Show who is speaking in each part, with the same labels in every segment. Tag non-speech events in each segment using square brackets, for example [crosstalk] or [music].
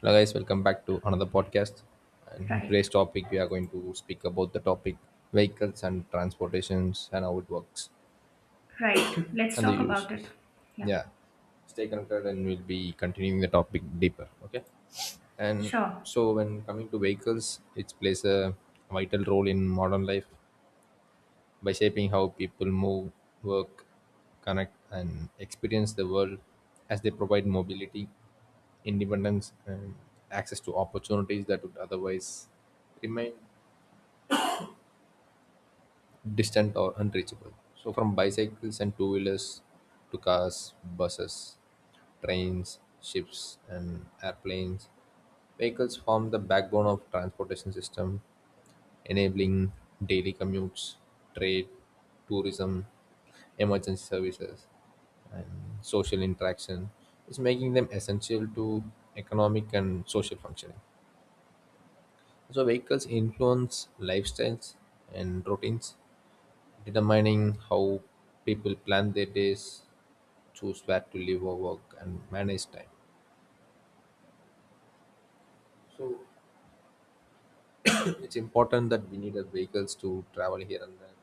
Speaker 1: Hello guys, welcome back to another podcast. And in
Speaker 2: Right,
Speaker 1: today's topic, we are going to speak about the topic vehicles and transportations and how it works
Speaker 2: right. Let's
Speaker 1: and the
Speaker 2: talk about it.
Speaker 1: uses.
Speaker 2: Yeah,
Speaker 1: Yeah, stay connected and we'll be continuing the topic deeper. Okay. And
Speaker 2: sure.
Speaker 1: so when coming to vehicles, it plays a vital role in modern life by shaping how people move, work, connect, and experience the world as they provide mobility independence and access to opportunities that would otherwise remain distant or unreachable. So, from bicycles and two wheelers to cars, buses, trains, ships, and airplanes, vehicles form the backbone of transportation system, enabling daily commutes, trade, tourism, emergency services, and social interaction. Is making them essential to economic and social functioning. So vehicles influence lifestyles and routines, determining how people plan their days, choose where to live or work, and manage time. So [clears throat] it's important that we need our vehicles to travel here and there,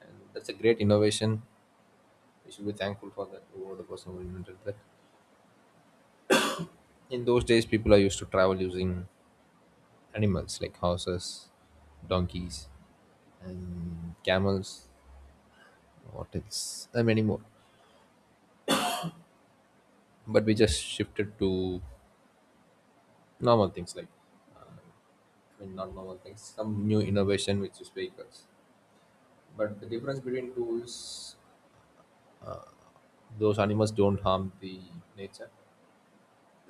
Speaker 1: and that's a great innovation. We should be thankful for that. Whoever the person who invented that. In those days, people are used to travel using animals like horses, donkeys, and camels, what else, and many more. But we just shifted to normal things like I mean not normal things, some new innovation which is vehicles. But the difference between two is those animals don't harm the nature.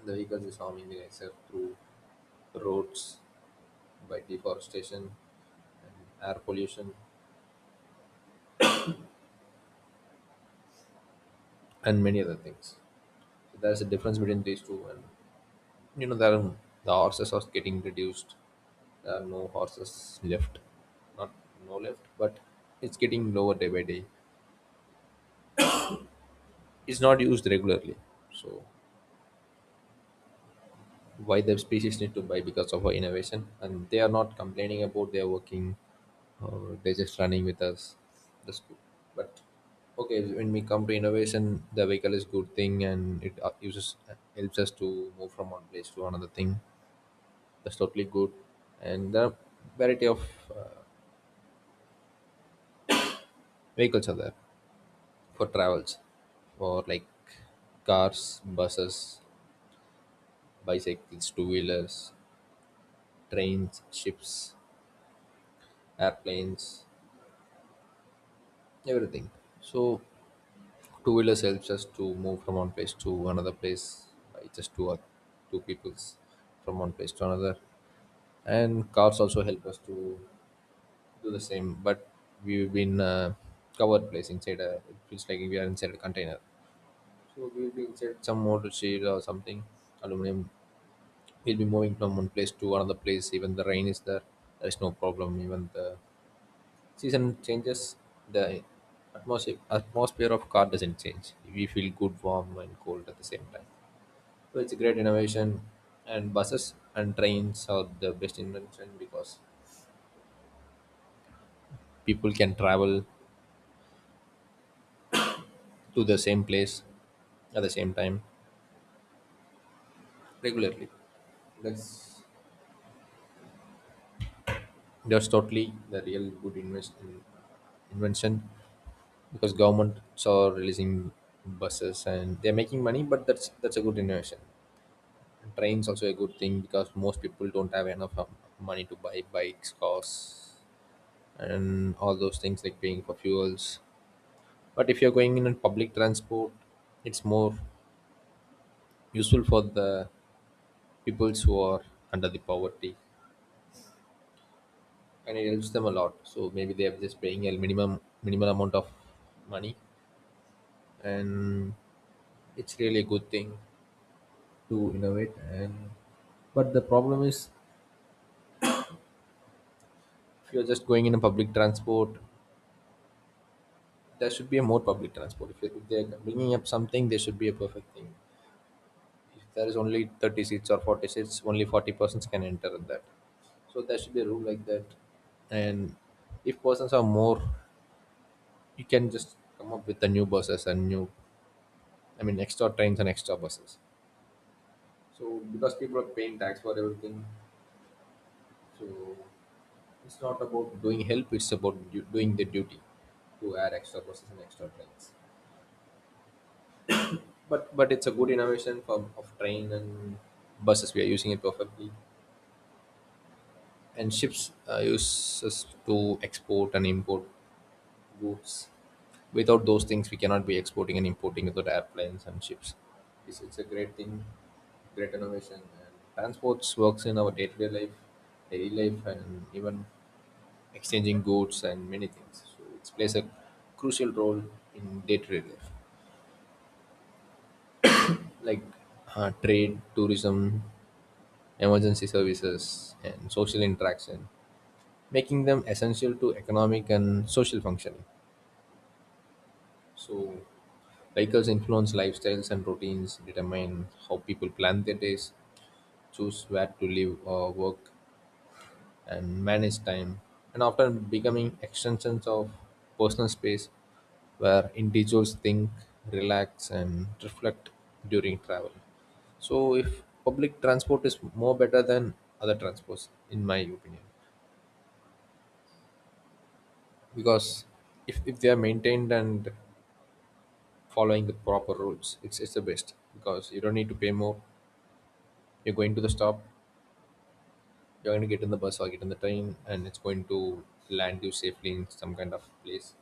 Speaker 1: The vehicles is harming the nature through roads, by deforestation, and air pollution, and many other things. So there's a difference between these two, and you know there are, the horses are getting reduced. There are no horses left, not no left, but it's getting lower day by day is not used regularly. So why the species need to buy because of our innovation, and they are not complaining about their working, or they're just running with us. That's good. But okay, when we come to innovation, the vehicle is good thing, and it uses helps us to move from one place to another thing. That's totally good, and the variety of uh, vehicles are there for travels, for like cars, buses, bicycles, two wheelers, trains, ships, airplanes, everything. So two wheelers helps us to move from one place to another place by just two or two peoples from one place to another. And cars also help us to do the same, but we've been covered place inside a. It feels like we are inside a container. So we'll be inside some motor shade or something, aluminum. We'll be moving from one place to another place. Even the rain is there. There is no problem. Even the season changes, the atmosphere of car doesn't change. We feel good, warm, and cold at the same time. So it's a great innovation, and buses and trains are the best invention because people can travel to the same place at the same time regularly. That's that's totally the real good invention because governments are releasing buses and they're making money, but that's a good innovation. Trains also a good thing because most people don't have enough money to buy bikes, cars, and all those things like paying for fuels. But if you're going in on public transport, it's more useful for the peoples who are under the poverty, and it helps them a lot. So maybe they are just paying a minimum minimal amount of money, and it's really a good thing to innovate. And but the problem is, if you're just going in a public transport there should be a more public transport. If they're bringing up something, there should be a perfect thing. If there is only 30 seats or 40 seats, only 40 persons can enter at that. So there should be a rule like that. And if persons are more, you can just come up with the new buses and new, I mean, extra trains and extra buses. So because people are paying tax for everything, so it's not about doing help, it's about doing the duty to add extra buses and extra trains. But it's a good innovation for of train and buses. We are using it perfectly, and ships uses to export and import goods. Without those things, we cannot be exporting and importing without airplanes and ships. It's a great thing, great innovation. And transports works in our day to day life, daily life, and even exchanging goods and many things. So it plays a crucial role in day to day life, like trade, tourism, emergency services, and social interaction, making them essential to economic and social functioning. So, vehicles influence lifestyles and routines, determine how people plan their days, choose where to live or work, and manage time, and often becoming extensions of personal space where individuals think, relax, and reflect during travel. So, if public transport is more better than other transports, in my opinion. Because if they are maintained and following the proper rules, it's the best because you don't need to pay more. You're going to the stop, you're going to get in the bus or get in the train, and it's going to land you safely in some kind of place,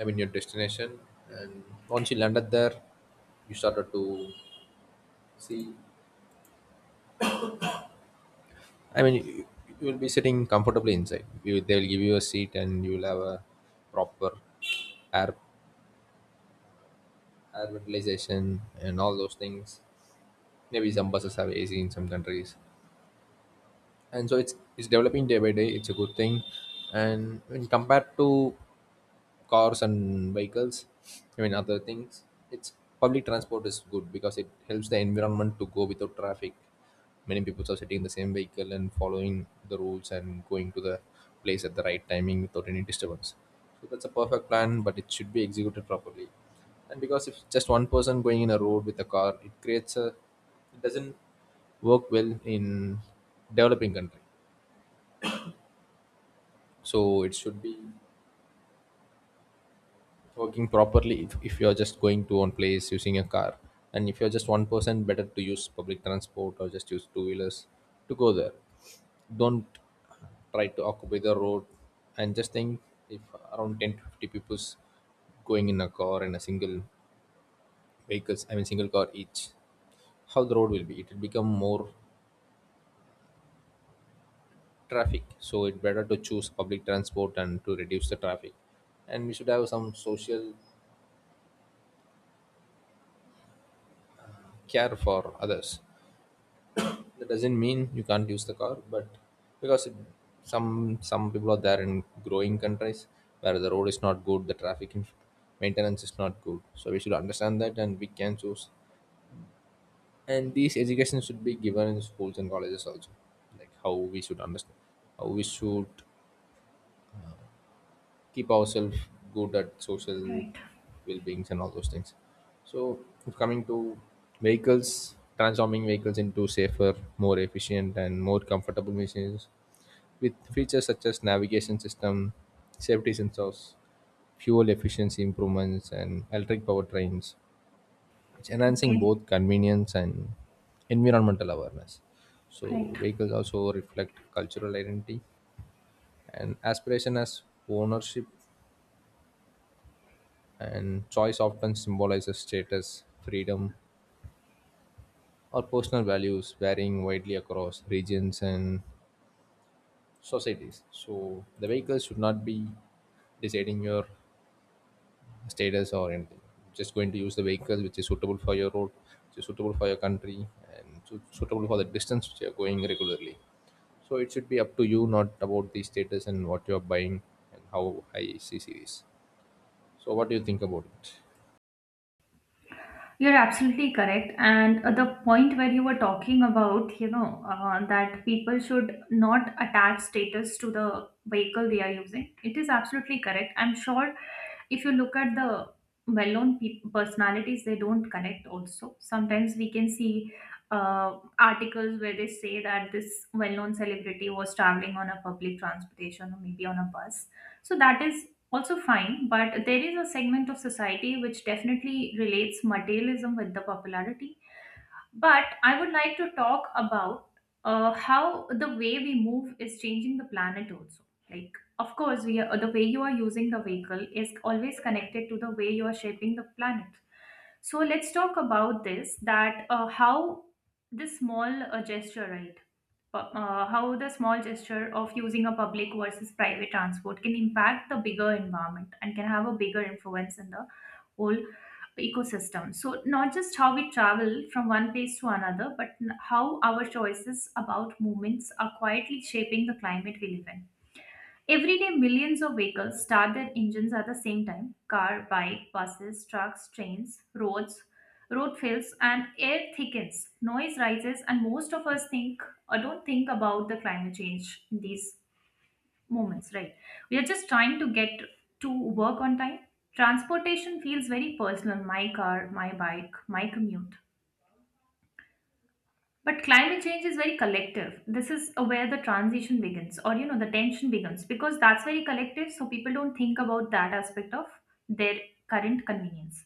Speaker 1: I mean your destination. And once you landed there, you started to see, I mean you will be sitting comfortably inside you, they'll give you a seat and you will have a proper air air ventilation and all those things. Maybe some buses have AC in some countries, and so it's developing day by day, it's a good thing. And when compared to cars and vehicles, I mean other things, it's public transport is good because it helps the environment to go without traffic. Many people are sitting in the same vehicle and following the rules and going to the place at the right timing without any disturbance. So that's a perfect plan, but it should be executed properly. And because if just one person going in a road with a car, it creates a, it doesn't work well in developing country. So it should be working properly. If you're just going to one place using a car, and if you're just one person, better to use public transport or just use two wheelers to go there. Don't try to occupy the road. And just think, if around 10 to 50 people's going in a car and a single vehicles, I mean single car each, how the road will be, it will become more traffic. So it better to choose public transport and to reduce the traffic. And we should have some social care for others. That doesn't mean you can't use the car, but because it, some people are there in growing countries where the road is not good, the maintenance is not good, so we should understand that and we can choose. And these education should be given in schools and colleges also, like how we should understand, how we should keep ourselves good at social
Speaker 2: Right.
Speaker 1: well-beings and all those things. So if coming to vehicles, transforming vehicles into safer, more efficient and more comfortable machines with features such as navigation system, safety sensors, fuel efficiency improvements, and electric powertrains, which enhancing
Speaker 2: Okay,
Speaker 1: both convenience and environmental awareness. So
Speaker 2: right.
Speaker 1: vehicles also reflect cultural identity and aspiration as ownership and choice often symbolizes status, freedom, or personal values varying widely across regions and societies. So the vehicle should not be deciding your status or anything. Just going to use the vehicle which is suitable for your road, which is suitable for your country, and suitable for the distance which you are going regularly. So it should be up to you, not about the status and what you are buying and how high is the series. So what do you think about it?
Speaker 2: You're absolutely correct. And the point where you were talking about, you know, that people should not attach status to the vehicle they are using, it is absolutely correct. I'm sure if you look at the well known personalities, they don't connect also. Sometimes we can see articles where they say that this well known celebrity was traveling on a public transportation or maybe on a bus. So that is also fine, but there is a segment of society which definitely relates materialism with the popularity. But I would like to talk about how the way we move is changing the planet also. Like, of course, we are, the way you are using the vehicle is always connected to the way you are shaping the planet. So let's talk about this that how this small gesture, right? How the small gesture of using a public versus private transport can impact the bigger environment and can have a bigger influence in the whole ecosystem. So, not just how we travel from one place to another, but how our choices about movements are quietly shaping the climate we live in. Every day, millions of vehicles start their engines at the same time car, bike, buses, trucks, trains, roads, road fills, and air thickens. Noise rises, and most of us think or don't think about the climate change in these moments, right? We are just trying to get to work on time. Transportation feels very personal my car, my bike, my commute. But climate change is very collective. This is where the transition begins, or you know, the tension begins, because that's very collective. So people don't think about that aspect of their current convenience.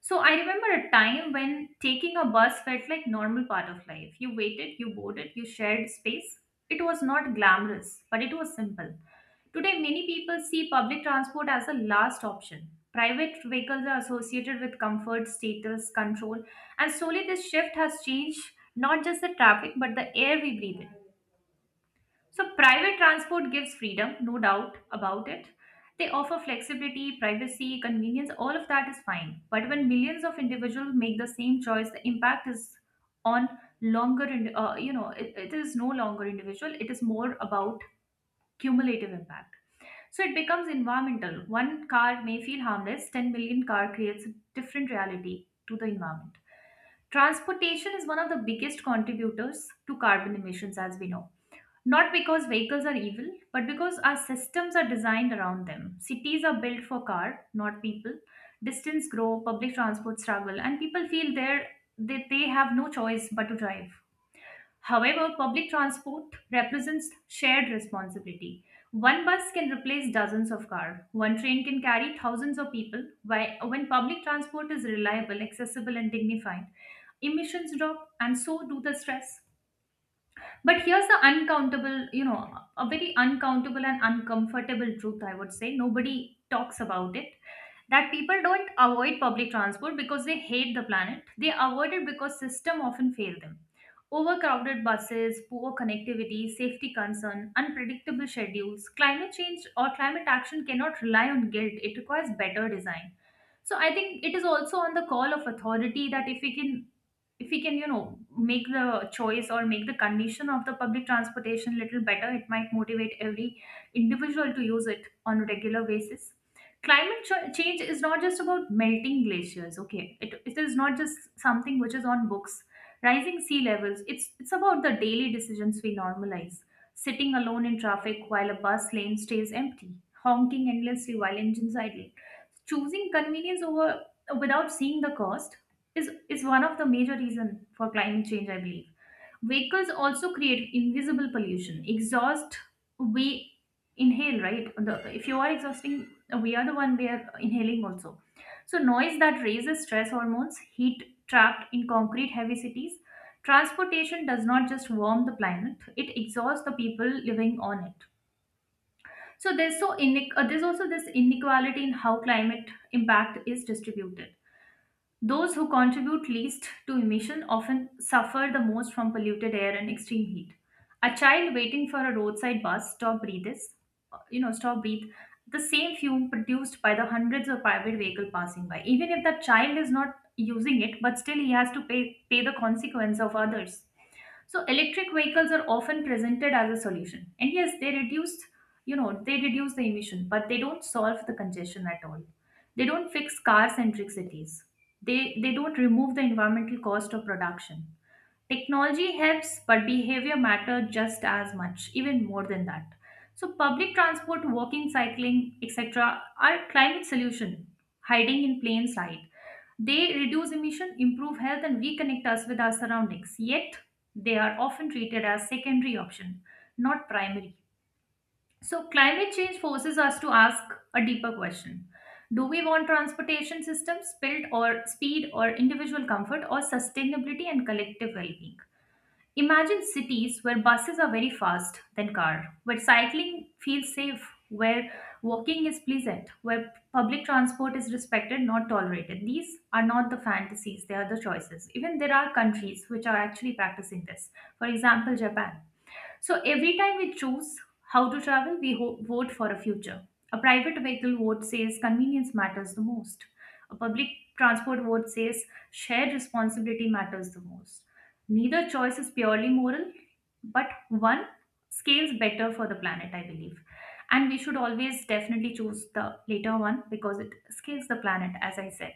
Speaker 2: So I remember a time when taking a bus felt like normal part of life. You waited, you boarded, you shared space. It was not glamorous, but it was simple. Today, many people see public transport as a last option. Private vehicles are associated with comfort, status, control, and slowly, this shift has changed not just the traffic but the air we breathe in. So, private transport gives freedom, no doubt about it. They offer flexibility, privacy, convenience, all of that is fine. But when millions of individuals make the same choice, the impact is on longer, and you know, it is no longer individual, it is more about cumulative impact. So it becomes environmental. One car may feel harmless, 10 million car creates a different reality to the environment. Transportation is one of the biggest contributors to carbon emissions, as we know. Not because vehicles are evil, but because our systems are designed around them. Cities are built for car, not people. Distance grow, public transport struggle, and people feel there that they have no choice but to drive. However, public transport represents shared responsibility. One bus can replace dozens of cars. One train can carry thousands of people. When public transport is reliable, accessible, and dignified, emissions drop, and so do the stress. But here's the uncountable, you know, a very uncountable and uncomfortable truth, I would say. Nobody talks about it. That people don't avoid public transport because they hate the planet. They avoid it because system often fail them. Overcrowded buses, poor connectivity, safety concern, unpredictable schedules, climate change or climate action cannot rely on guilt. It requires better design. So I think it is also on the call of authority that if we can you know make the choice or make the condition of the public transportation little better it might motivate every individual to use it on a regular basis climate change is not just about melting glaciers okay it is not just something which is on books rising sea levels it's about the daily decisions we normalize sitting alone in traffic while a bus lane stays empty honking endlessly while engines idle choosing convenience over without seeing the cost is one of the major reason for climate change, I believe. Vehicles also create invisible pollution. Exhaust, we inhale, right? The, if you are exhausting, we are the one we are inhaling also. So noise that raises stress hormones, heat trapped in concrete heavy cities. Transportation does not just warm the planet, it exhausts the people living on it. So there's so there's also this inequality in how climate impact is distributed. Those who contribute least to emission often suffer the most from polluted air and extreme heat. A child waiting for a roadside bus stop breathes, you know, stop breathe the same fume produced by the hundreds of private vehicle passing by. Even if that child is not using it, but still he has to pay the consequence of others. So electric vehicles are often presented as a solution. And yes, they reduce, you know, they reduce the emission, but they don't solve the congestion at all. They don't fix car-centric cities. They don't remove the environmental cost of production. Technology helps, but behavior matter just as much, even more than that. So public transport, walking, cycling, etc. are climate solution, hiding in plain sight. They reduce emission, improve health, and reconnect us with our surroundings. Yet they are often treated as secondary option, not primary. So climate change forces us to ask a deeper question. Do we want transportation systems built or speed or individual comfort or sustainability and collective well-being? Imagine cities where buses are very fast than car, where cycling feels safe, where walking is pleasant, where public transport is respected, not tolerated. These are not the fantasies, they are the choices. Even there are countries which are actually practicing this. For example, Japan. So every time we choose how to travel, we vote for a future. A private vehicle vote says convenience matters the most. A public transport vote says shared responsibility matters the most. Neither choice is purely moral, but one scales better for the planet, I believe. And we should always definitely choose the later one because it scales the planet, as I said.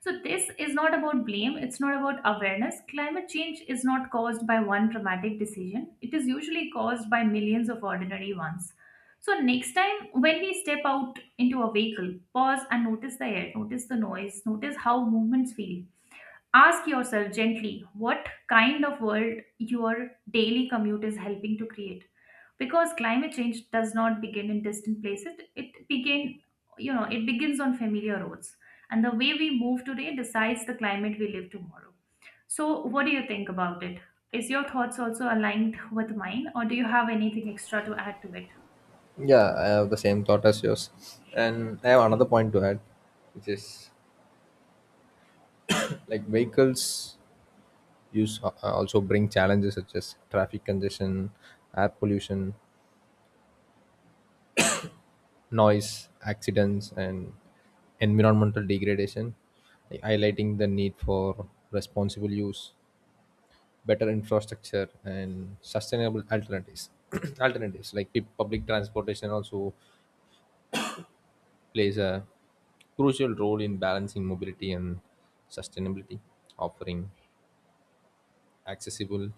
Speaker 2: So, this is not about blame, it's not about awareness. Climate change is not caused by one dramatic decision, it is usually caused by millions of ordinary ones. So, next time when we step out into a vehicle, pause and notice the air, notice the noise, notice how movements feel. Ask yourself gently what kind of world your daily commute is helping to create. Because climate change does not begin in distant places, it begin, you know, it begins on familiar roads. And the way we move today decides the climate we live tomorrow. So what do you think about it? Is your thoughts also aligned with mine, or do you have anything extra to add to it?
Speaker 1: Yeah, I have the same thought as yours. And I have another point to add, which is like vehicles use also bring challenges such as traffic congestion, air pollution, noise, accidents, and environmental degradation, like highlighting the need for responsible use, better infrastructure, and sustainable alternatives. [clears throat] Alternatives like public transportation also plays a crucial role in balancing mobility and sustainability, offering accessible,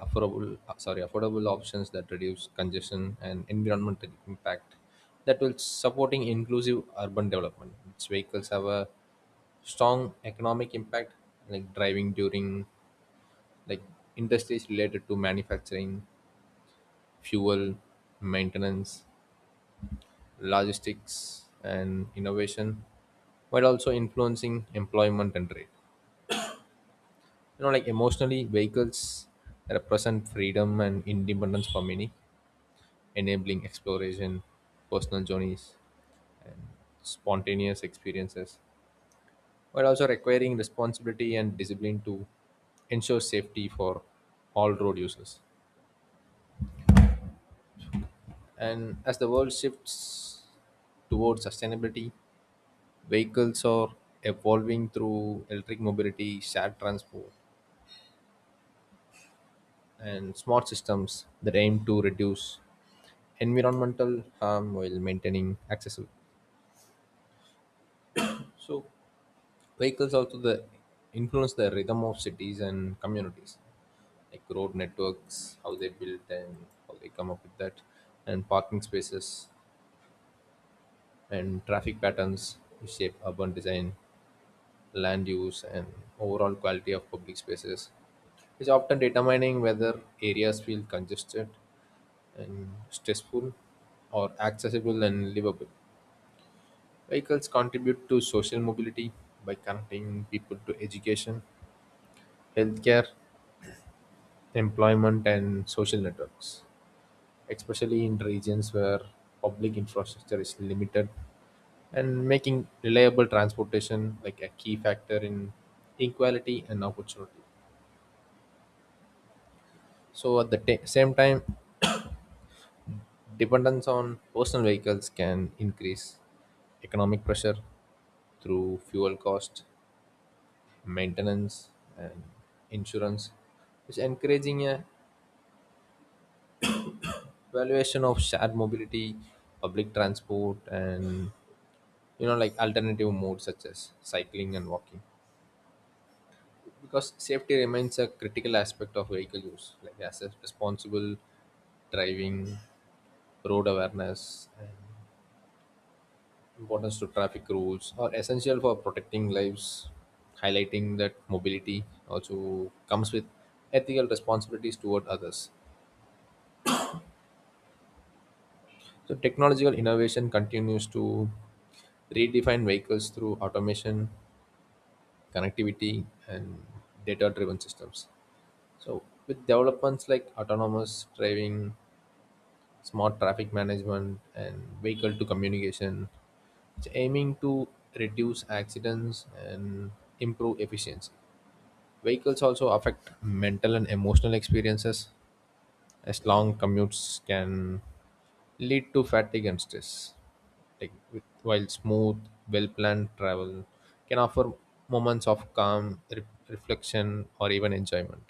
Speaker 1: affordable options that reduce congestion and environmental impact that will supporting inclusive urban development. Its vehicles have a strong economic impact, like driving during, like industries related to manufacturing, fuel, maintenance, logistics and innovation, while also influencing employment and trade. You know, like emotionally vehicles represent freedom and independence for many, enabling exploration, personal journeys, and spontaneous experiences, while also requiring responsibility and discipline to ensure safety for all road users. And as the world shifts towards sustainability, vehicles are evolving through electric mobility, shared transport, and smart systems that aim to reduce environmental harm while maintaining accessibility. So, Vehicles also the influence the rhythm of cities and communities, like road networks, how they built and how they come up with that, and parking spaces and traffic patterns which shape urban design, land use, and overall quality of public spaces. It's often determining whether areas feel congested and stressful or accessible and livable. Vehicles contribute to social mobility by connecting people to education, healthcare, employment and social networks, especially in regions where public infrastructure is limited and making reliable transportation like a key factor in equality and opportunity. So at the same time, dependence on personal vehicles can increase economic pressure through fuel cost, maintenance, and insurance, which encouraging a valuation of shared mobility, public transport, and like alternative modes such as cycling and walking because safety remains a critical aspect of vehicle use like as a responsible driving, road awareness and importance to traffic rules are essential for protecting lives, highlighting that mobility also comes with ethical responsibilities toward others. So technological innovation continues to redefine vehicles through automation, connectivity and data driven systems. So with developments like autonomous driving, smart traffic management, and vehicle to communication, it's aiming to reduce accidents and improve efficiency. Vehicles also affect mental and emotional experiences, as long commutes can lead to fatigue and stress. Like with, while smooth, well-planned travel can offer moments of calm, reflection, or even enjoyment.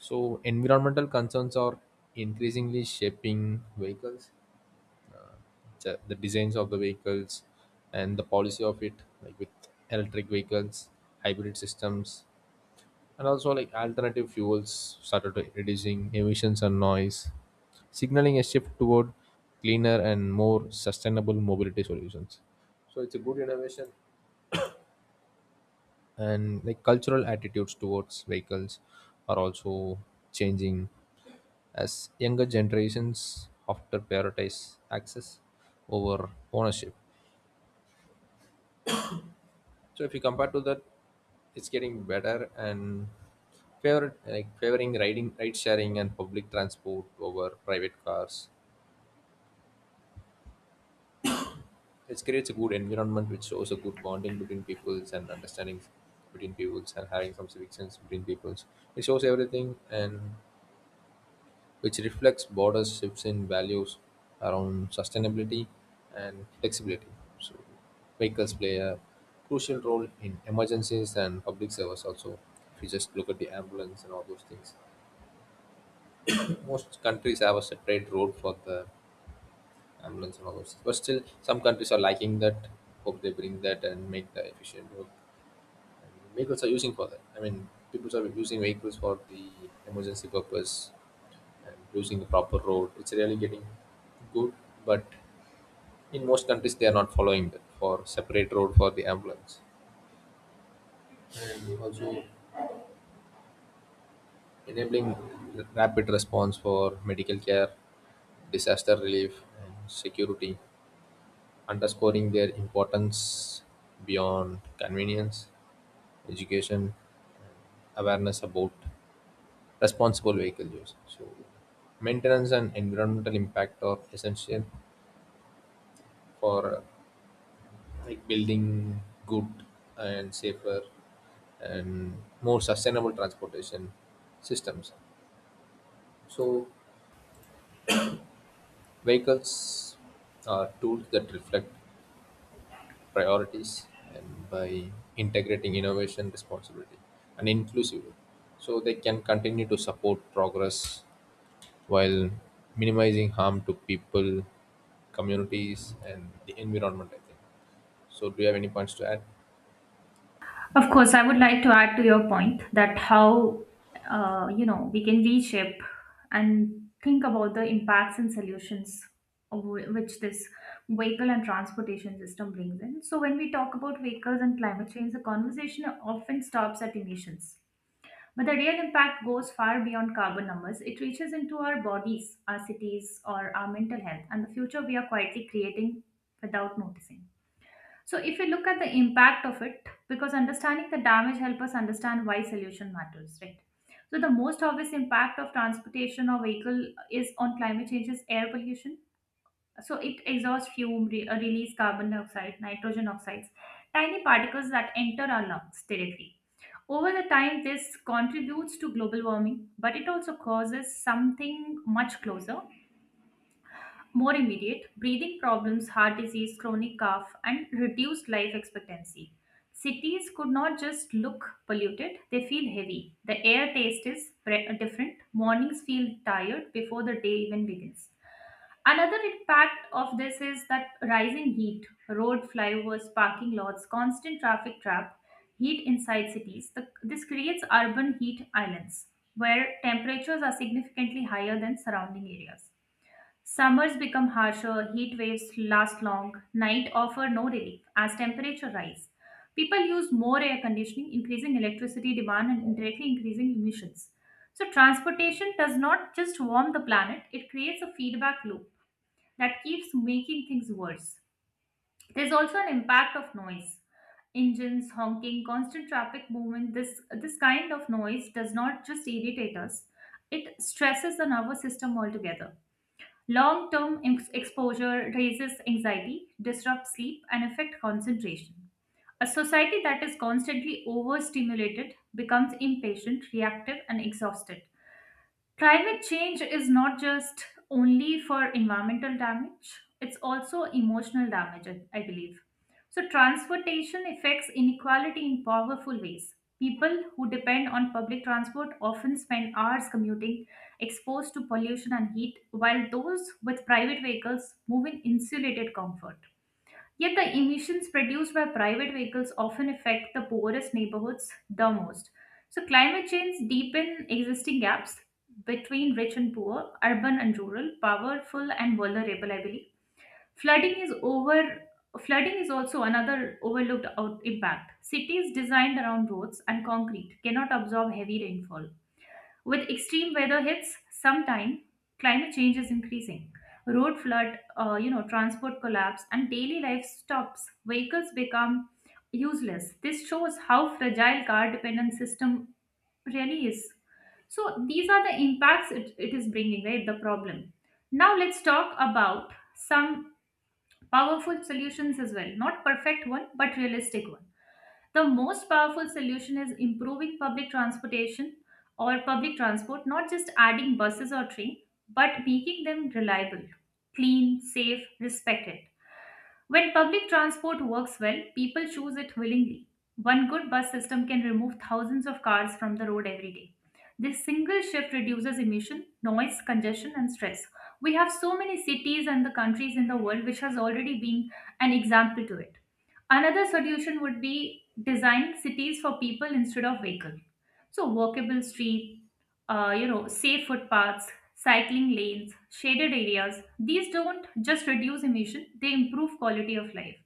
Speaker 1: So environmental concerns are increasingly shaping vehicles, the designs of the vehicles, and the policy of it, like with electric vehicles, hybrid systems, and also like alternative fuels started to reducing emissions and noise, signaling a shift toward cleaner and more sustainable mobility solutions. So it's a good innovation, and like cultural attitudes towards vehicles are also changing as younger generations often prioritize access over ownership. So if you compare to that, it's getting better and favoring riding ride sharing and public transport over private cars. It creates a good environment which shows a good bonding between peoples and understanding between peoples and having some civic sense between peoples. It shows everything and which reflects border shifts in values around sustainability and flexibility. So, vehicles play a crucial role in emergencies and public service also. If you just look at the ambulance and all those things, [clears throat] most countries have a separate road for the ambulance and all those things. But still, some countries are lacking that. Hope they bring that and make the efficient work. And vehicles are using for that. I mean, people are using vehicles for the emergency purpose using the proper road. It's really getting good, but in most countries they are not following that for separate road for the ambulance and also enabling rapid response for medical care, disaster relief, and security, underscoring their importance beyond convenience, education, awareness about responsible vehicle use. So, maintenance and environmental impact are essential for like building good and safer and more sustainable transportation systems. So, vehicles are tools that reflect priorities and by integrating innovation, responsibility, and inclusivity. So, they can continue to support progress while minimizing harm to people, communities, and the environment, I think. So, do you have any points to add?
Speaker 2: Of course, I would like to add to your point that how you know we can reshape and think about the impacts and solutions of which this vehicle and transportation system brings in. So when we talk about vehicles and climate change, the conversation often stops at emissions. But the real impact goes far beyond carbon numbers. It reaches into our bodies, our cities, or our mental health, and the future we are quietly creating without noticing. So if you look at the impact of it, because understanding the damage help us understand why solution matters, right? So the most obvious impact of transportation or vehicle is on climate change is air pollution. So it exhausts fume, release carbon dioxide, nitrogen oxides, tiny particles that enter our lungs directly. Over the time, this contributes to global warming, but it also causes something much closer more immediate breathing problems, heart disease, chronic cough, and reduced life expectancy. Cities could not just look polluted, they feel heavy. The air taste is different. Mornings feel tired before the day even begins. Another impact of this is that rising heat, road flyovers, parking lots, constant traffic trap, heat inside cities. This creates urban heat islands where temperatures are significantly higher than surrounding areas. Summers become harsher, heat waves last long, night offer no relief as temperature rise. People use more air conditioning, increasing electricity demand and indirectly increasing emissions. So transportation does not just warm the planet, it creates a feedback loop that keeps making things worse. There's also an impact of noise. Engines, honking, constant traffic movement, this kind of noise does not just irritate us, it stresses the nervous system altogether. Long term exposure raises anxiety, disrupts sleep, and affects concentration. A society that is constantly overstimulated becomes impatient, reactive, and exhausted. Climate change is not just only for environmental damage, it's also emotional damage, I believe. So, transportation affects inequality in powerful ways. People who depend on public transport often spend hours commuting, exposed to pollution and heat, while those with private vehicles move in insulated comfort. Yet the emissions produced by private vehicles often affect the poorest neighborhoods the most. So climate change deepen existing gaps between rich and poor, urban and rural, powerful and vulnerable, I believe. Flooding is over Flooding is also another overlooked out impact. Cities designed around roads and concrete cannot absorb heavy rainfall with extreme weather hits sometime, climate change is increasing. Road flood, transport collapse, and daily life stops. Vehicles become useless. This shows how fragile car dependent system really is. So these are the impacts it is bringing, right? The problem. Now let's talk about some powerful solutions as well. Not perfect one, but realistic one. The most powerful solution is improving public transportation or public transport, not just adding buses or train, but making them reliable, clean, safe, respected. When public transport works well, people choose it willingly. One good bus system can remove thousands of cars from the road every day. This single shift reduces emission, noise, congestion, and stress. We have so many cities and the countries in the world which has already been an example to it. Another solution would be design cities for people instead of vehicle. So walkable street, safe footpaths, cycling lanes, shaded areas. These don't just reduce emission, they improve quality of life.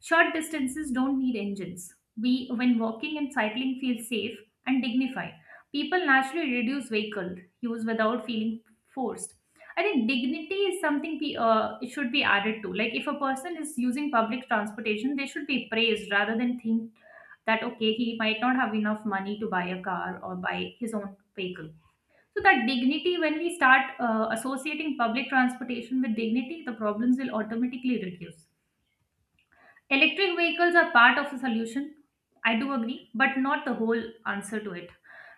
Speaker 2: Short distances don't need engines. We, when walking and cycling, feel safe and dignified. People naturally reduce vehicle use without feeling forced. I think dignity is something it should be added to. Like if a person is using public transportation, they should be praised rather than think that okay he might not have enough money to buy a car or buy his own vehicle so that dignity, when we start associating public transportation with dignity, the problems will automatically reduce. Electric vehicles are part of the solution. I do agree, but not the whole answer to it.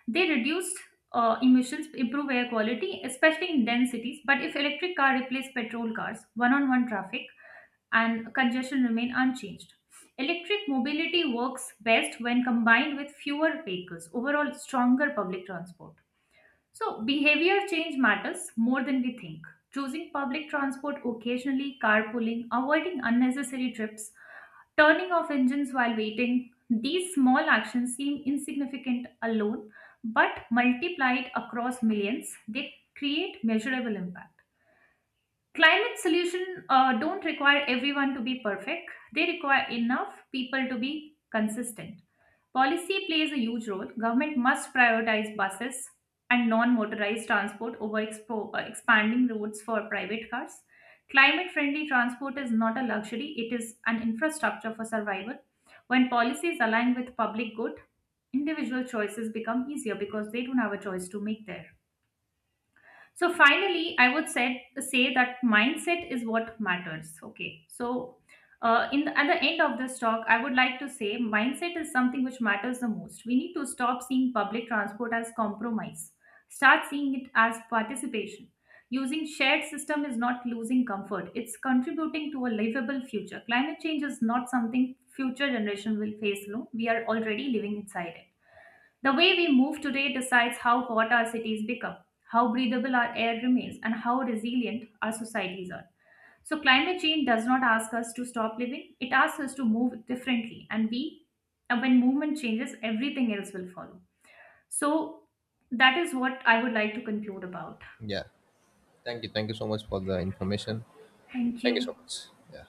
Speaker 2: They reduced emissions, improve air quality, especially in dense cities. But if electric car replace petrol cars, one-on-one traffic and congestion remain unchanged. Electric mobility works best when combined with fewer vehicles. Overall, stronger public transport. So, behavior change matters more than we think. Choosing public transport occasionally, carpooling, avoiding unnecessary trips, turning off engines while waiting. These small actions seem insignificant alone, but multiplied across millions, they create measurable impact. Climate solutions don't require everyone to be perfect, they require enough people to be consistent. Policy plays a huge role. Government must prioritize buses and non motorized transport over expanding routes for private cars. Climate friendly transport is not a luxury, it is an infrastructure for survival. When policies align with public good, individual choices become easier because they don't have a choice to make there. So finally, I would say that mindset is what matters. Okay. So at the end of this talk, I would like to say mindset is something which matters the most. We need to stop seeing public transport as compromise. Start seeing it as participation. Using shared system is not losing comfort. It's contributing to a livable future. Climate change is not something future generation will face alone. We are already living inside it. The way we move today decides how hot our cities become, how breathable our air remains, and how resilient our societies are. So, climate change does not ask us to stop living, it asks us to move differently. And when movement changes, everything else will follow. So, that is what I would like to conclude about.
Speaker 1: Yeah. Thank you. Thank you so much for the information.
Speaker 2: Thank
Speaker 1: Thank you so
Speaker 2: you.
Speaker 1: much. Yeah.